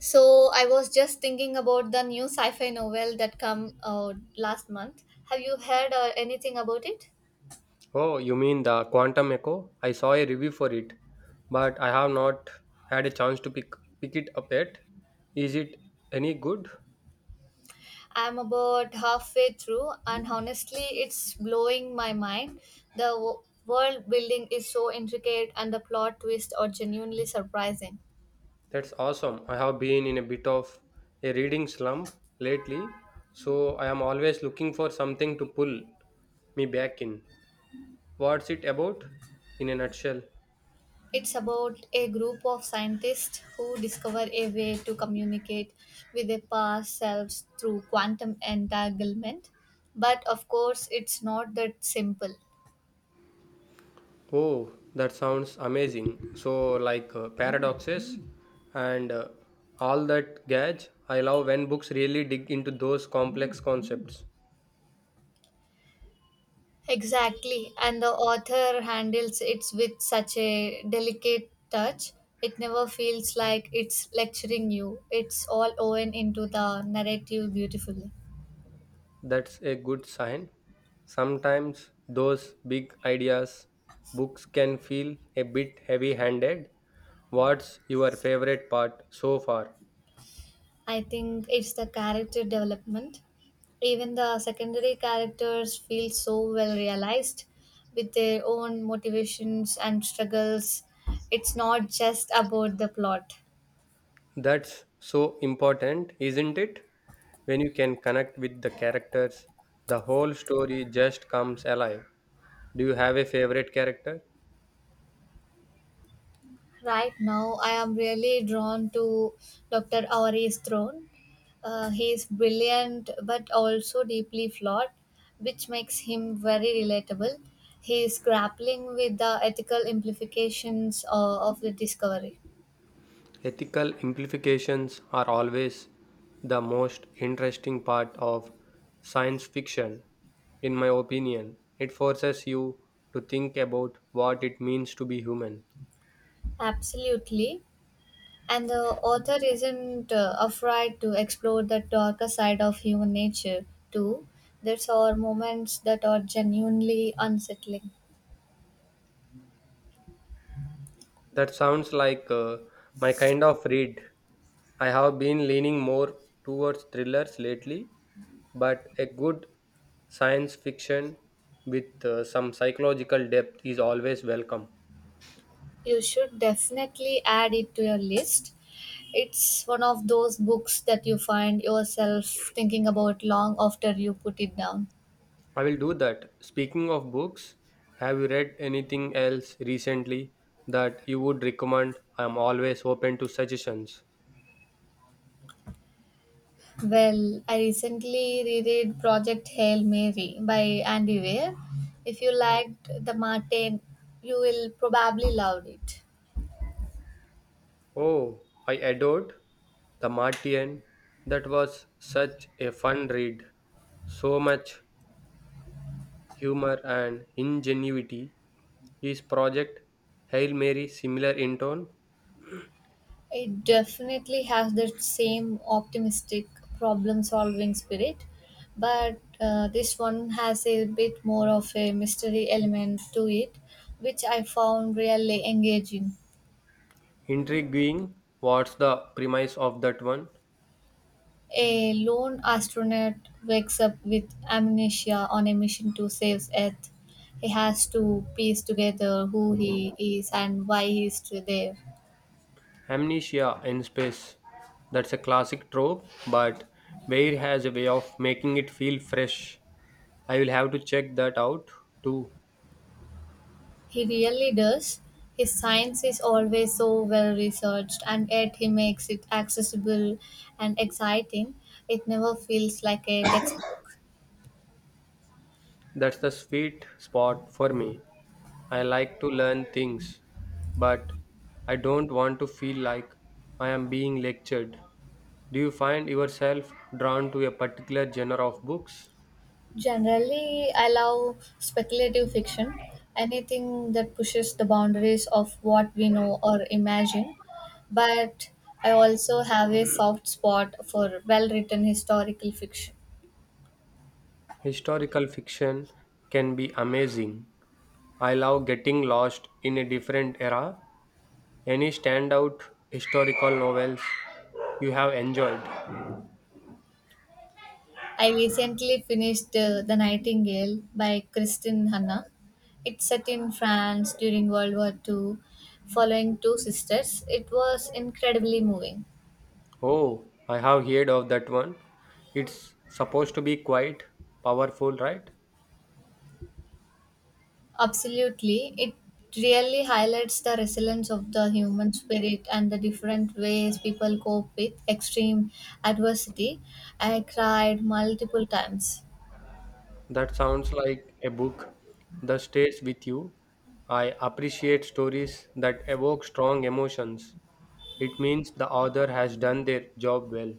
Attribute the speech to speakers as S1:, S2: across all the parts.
S1: So I was just thinking about the new sci-fi novel that come out last month. Have you heard anything about it?
S2: Oh, you mean the Quantum Echo? I saw a review for it, but I have not had a chance to pick it up yet. Is it any good?
S1: I'm about halfway through, and honestly, it's blowing my mind. The w- World building is so intricate, and the plot twists are genuinely surprising.
S2: That's awesome. I have been in a bit of a reading slump lately, so I am always looking for something to pull me back in. What's it about in a nutshell?
S1: It's about a group of scientists who discover a way to communicate with their past selves through quantum entanglement. But of course, it's not that simple.
S2: Oh, that sounds amazing. So, like paradoxes and all that gadge. I love when books really dig into those complex concepts.
S1: Exactly, and the author handles it with such a delicate touch. It never feels like it's lecturing you. It's all woven into the narrative beautifully.
S2: That's a good sign. Sometimes those big ideas books can feel a bit heavy-handed. What's your favorite part so far?
S1: I think it's the character development. Even the secondary characters feel so well realized with their own motivations and struggles. It's not just about the plot.
S2: That's so important, isn't it? When you can connect with the characters, the whole story just comes alive. Do you have a favorite character?
S1: Right now, I am really drawn to Dr. Auri's throne. He is brilliant but also deeply flawed, which makes him very relatable. He is grappling with the ethical implications of the discovery.
S2: Ethical implications are always the most interesting part of science fiction, in my opinion. It forces you to think about what it means to be human.
S1: Absolutely. And the author isn't afraid to explore the darker side of human nature, too. There are moments that are genuinely unsettling.
S2: That sounds like my kind of read. I have been leaning more towards thrillers lately, but a good science fiction with some psychological depth is always welcome.
S1: You should definitely add it to your list. It's one of those books that you find yourself thinking about long after you put it down.
S2: I will do that. Speaking of books, have you read anything else recently that you would recommend? I am always open to suggestions.
S1: Well, I recently reread Project Hail Mary by Andy Weir. If you liked The Martin, you will probably love it.
S2: Oh, I adored The Martian. That was such a fun read. So much humor and ingenuity. Is project Hail Mary similar in tone?
S1: It definitely has the same optimistic problem solving spirit, but this one has a bit more of a mystery element to it, which I found really engaging.
S2: Intriguing. What's the premise of that one?
S1: A lone astronaut wakes up with amnesia on a mission to save Earth. He has to piece together who he is and why he is still there.
S2: Amnesia in space. That's a classic trope, but Bayer has a way of making it feel fresh. I will have to check that out too.
S1: He really does. His science is always so well researched, and yet he makes it accessible and exciting. It never feels like a textbook.
S2: That's the sweet spot for me. I like to learn things, but I don't want to feel like I am being lectured. Do you find yourself drawn to a particular genre of books?
S1: Generally, I love speculative fiction, anything that pushes the boundaries of what we know or imagine. But I also have a soft spot for well written historical fiction.
S2: Historical fiction can be amazing, I love getting lost in a different era. Any standout historical novels you have enjoyed?
S1: I recently finished The Nightingale by Kristin Hanna. It's set in France during World War Two, following two sisters. It was incredibly moving.
S2: Oh, I have heard of that one. It's supposed to be quite powerful, right?
S1: Absolutely. It really highlights the resilience of the human spirit and the different ways people cope with extreme adversity. I cried multiple times.
S2: That sounds like a book that stays with you. I appreciate stories that evoke strong emotions. It means the author has done their job well.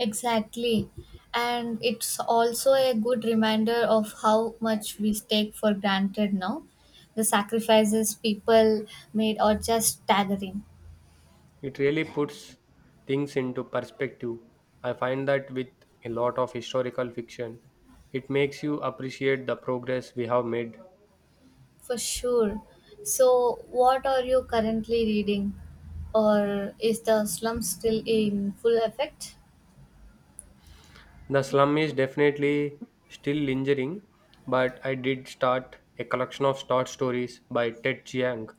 S1: Exactly. And it's also a good reminder of how much we take for granted now. The sacrifices people made are just staggering.
S2: It really puts things into perspective. I find that with a lot of historical fiction, it makes you appreciate the progress we have made.
S1: For sure. So, what are you currently reading? Or is the slum still in full effect?
S2: The slum is definitely still lingering, but I did start a collection of short stories by Ted Chiang.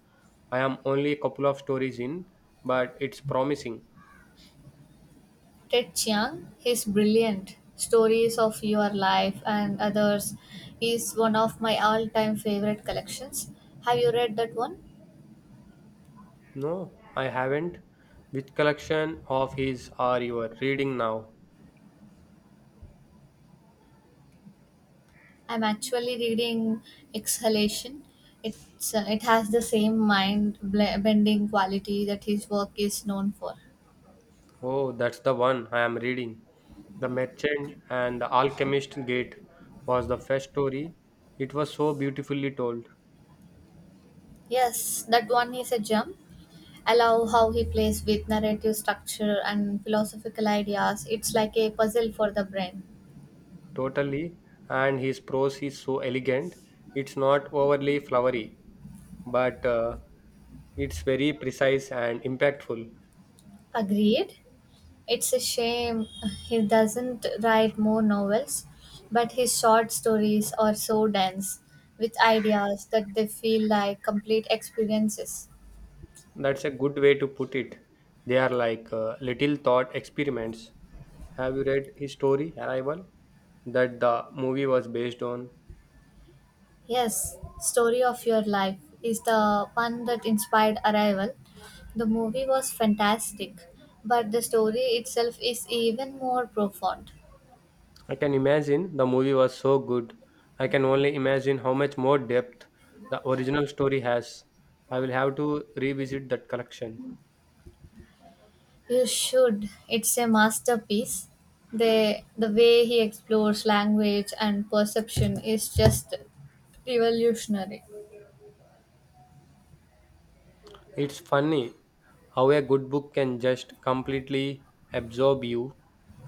S2: I am only a couple of stories in, but it's promising.
S1: Ted Chiang, his brilliant stories of your life and others is one of my all-time favorite collections. Have you read that one?
S2: No, I haven't. Which collection of his are you reading now?
S1: I'm actually reading Exhalation. It has the same bending quality that his work is known for.
S2: Oh, that's the one I am reading. The Merchant and the Alchemist Gate was the first story. It was so beautifully told,
S1: Yes, that one is a gem. I love how he plays with narrative structure and philosophical ideas. It's like a puzzle for the brain.
S2: totally, and his prose is so elegant. It's not overly flowery, but it's very precise and impactful.
S1: Agreed. It's a shame he doesn't write more novels, but his short stories are so dense with ideas that they feel like complete experiences.
S2: That's a good way to put it. They are like little thought experiments. Have you read his story, Arrival, that the movie was based on?
S1: Yes, Story of Your Life is the one that inspired Arrival. The movie was fantastic, but the story itself is even more profound.
S2: I can imagine the movie was so good. I can only imagine how much more depth the original story has. I will have to revisit that collection.
S1: You should. It's a masterpiece. The way he explores language and perception is just revolutionary.
S2: It's funny how a good book can just completely absorb you.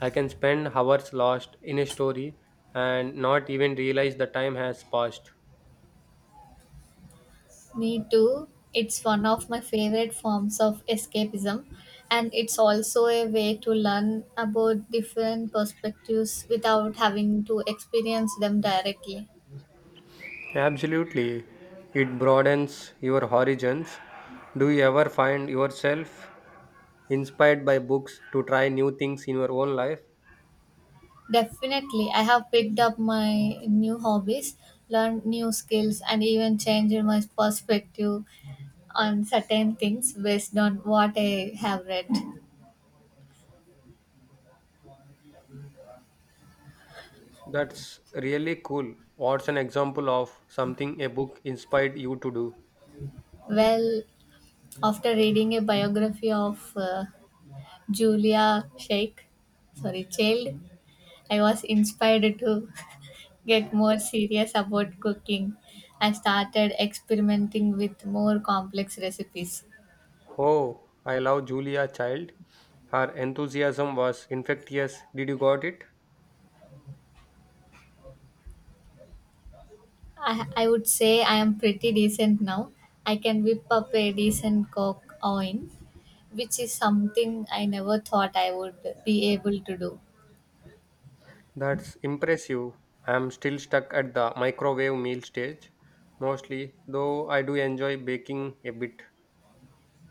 S2: I can spend hours lost in a story and not even realize the time has passed.
S1: Me too. It's one of my favorite forms of escapism, and it's also a way to learn about different perspectives without having to experience them directly.
S2: Absolutely. It broadens your horizons. Do you ever find yourself inspired by books to try new things in your own life?
S1: Definitely, I have picked up my new hobbies, learned new skills, and even changed my perspective on certain things based on what I have read.
S2: That's really cool. What's an example of something a book inspired you to do?
S1: Well, after reading a biography of Julia Sheikh, sorry, Child, I was inspired to get more serious about cooking and started experimenting with more complex recipes.
S2: Oh, I love Julia Child. Her enthusiasm was infectious. Did you got it?
S1: I would say I am pretty decent now. I can whip up a decent coke oven, which is something I never thought I would be able to do.
S2: That's impressive. I'm still stuck at the microwave meal stage, mostly, though I do enjoy baking a bit.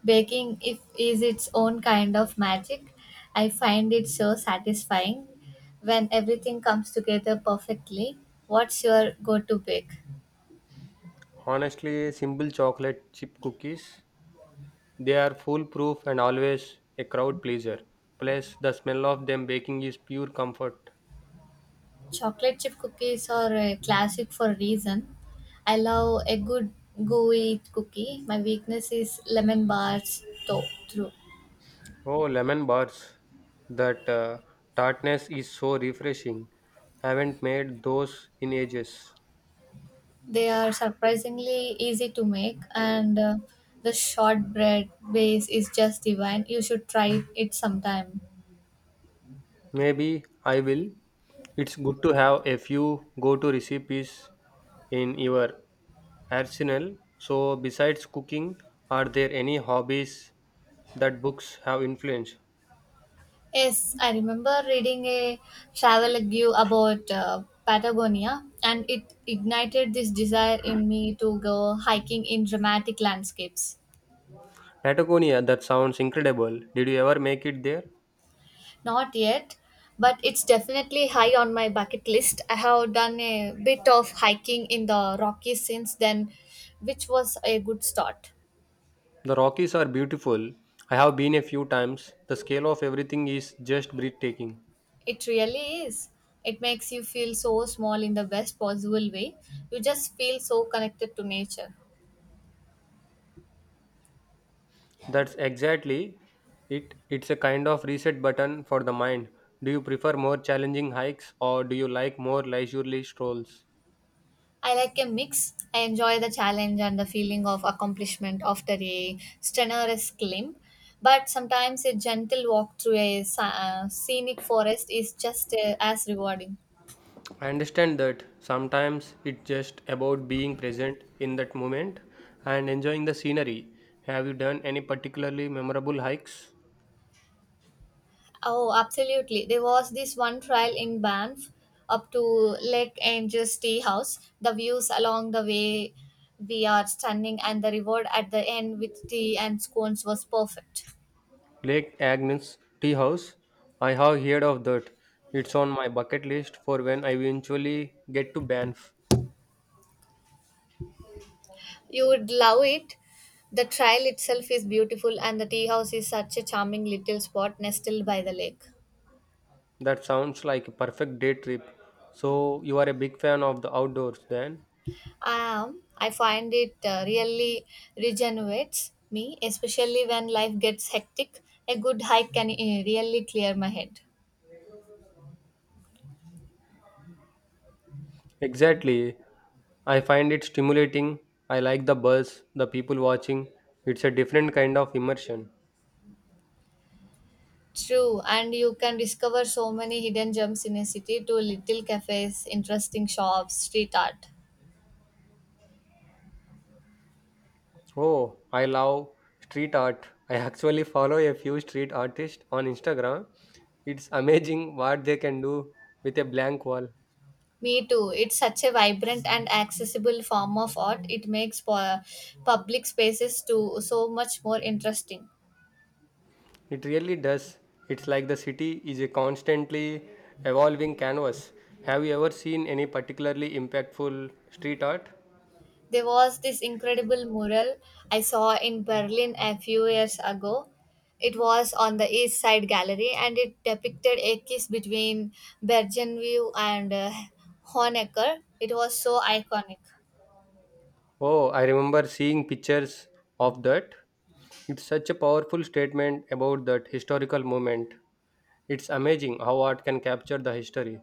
S1: Baking if, is its own kind of magic. I find it so satisfying when everything comes together perfectly. What's your go to bake?
S2: Honestly, simple chocolate chip cookies. They are foolproof and always a crowd pleaser. Plus, the smell of them baking is pure comfort.
S1: Chocolate chip cookies are a classic for a reason. I love a good gooey cookie. My weakness is lemon bars, though. Through
S2: Oh, lemon bars. That tartness is so refreshing. Haven't made those in ages.
S1: they are surprisingly easy to make, and the shortbread base is just divine. You should try it sometime.
S2: Maybe I will. It's good to have a few go to recipes in your arsenal. So, besides cooking, are there any hobbies that books have influenced?
S1: Yes, I remember reading a travel review about Patagonia, and it ignited this desire in me to go hiking in dramatic landscapes.
S2: Patagonia, that sounds incredible. Did you ever make it there?
S1: Not yet, but it's definitely high on my bucket list. I have done a bit of hiking in the Rockies since then, which was a good start.
S2: The Rockies are beautiful. I have been a few times. The scale of everything is just breathtaking.
S1: It really is. It makes you feel so small in the best possible way. You just feel so connected to nature.
S2: That's exactly it. It's a kind of reset button for the mind. Do you prefer more challenging hikes or do you like more leisurely strolls?
S1: I like a mix. I enjoy the challenge and the feeling of accomplishment after a strenuous climb, but sometimes a gentle walk through a scenic forest is just as rewarding.
S2: I understand that sometimes it's just about being present in that moment and enjoying the scenery. Have you done any particularly memorable hikes?
S1: Oh, absolutely. There was this one trail in Banff up to Lake Angel's Tea House. The views along the way we are stunning and the reward at the end with tea and scones was perfect.
S2: Lake Agnes Tea House. I have heard of that. It's on my bucket list for when I eventually get to Banff.
S1: You would love it. The trail itself is beautiful and the tea house is such a charming little spot nestled by the lake.
S2: That sounds like a perfect day trip. So, you are a big fan of the outdoors then?
S1: I find it really regenerates me, especially when life gets hectic. A good hike can really clear my head.
S2: Exactly. I find it stimulating. I like the buzz, the people watching. It's a different kind of immersion.
S1: True, and you can discover so many hidden gems in a city to little cafes, interesting shops, street art.
S2: Oh, I love street art. I actually follow a few street artists on Instagram. It's amazing what they can do with a blank wall.
S1: Me too. It's such a vibrant and accessible form of art. It makes public spaces too so much more interesting.
S2: It really does. It's like the city is a constantly evolving canvas. Have you ever seen any particularly impactful street art?
S1: There was this incredible mural I saw in Berlin a few years ago. It was on the East Side Gallery and it depicted a kiss between Bergenview and Honecker. It was so iconic.
S2: Oh, I remember seeing pictures of that. It's such a powerful statement about that historical moment. It's amazing how art can capture the history.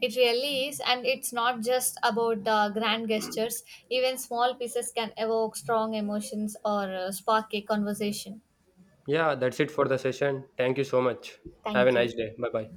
S1: It really is, and it's not just about the grand gestures. Even small pieces can evoke strong emotions or spark a conversation.
S2: Yeah, that's it for the session. Thank you so much. Have a
S1: Thank you.
S2: nice day. Bye bye.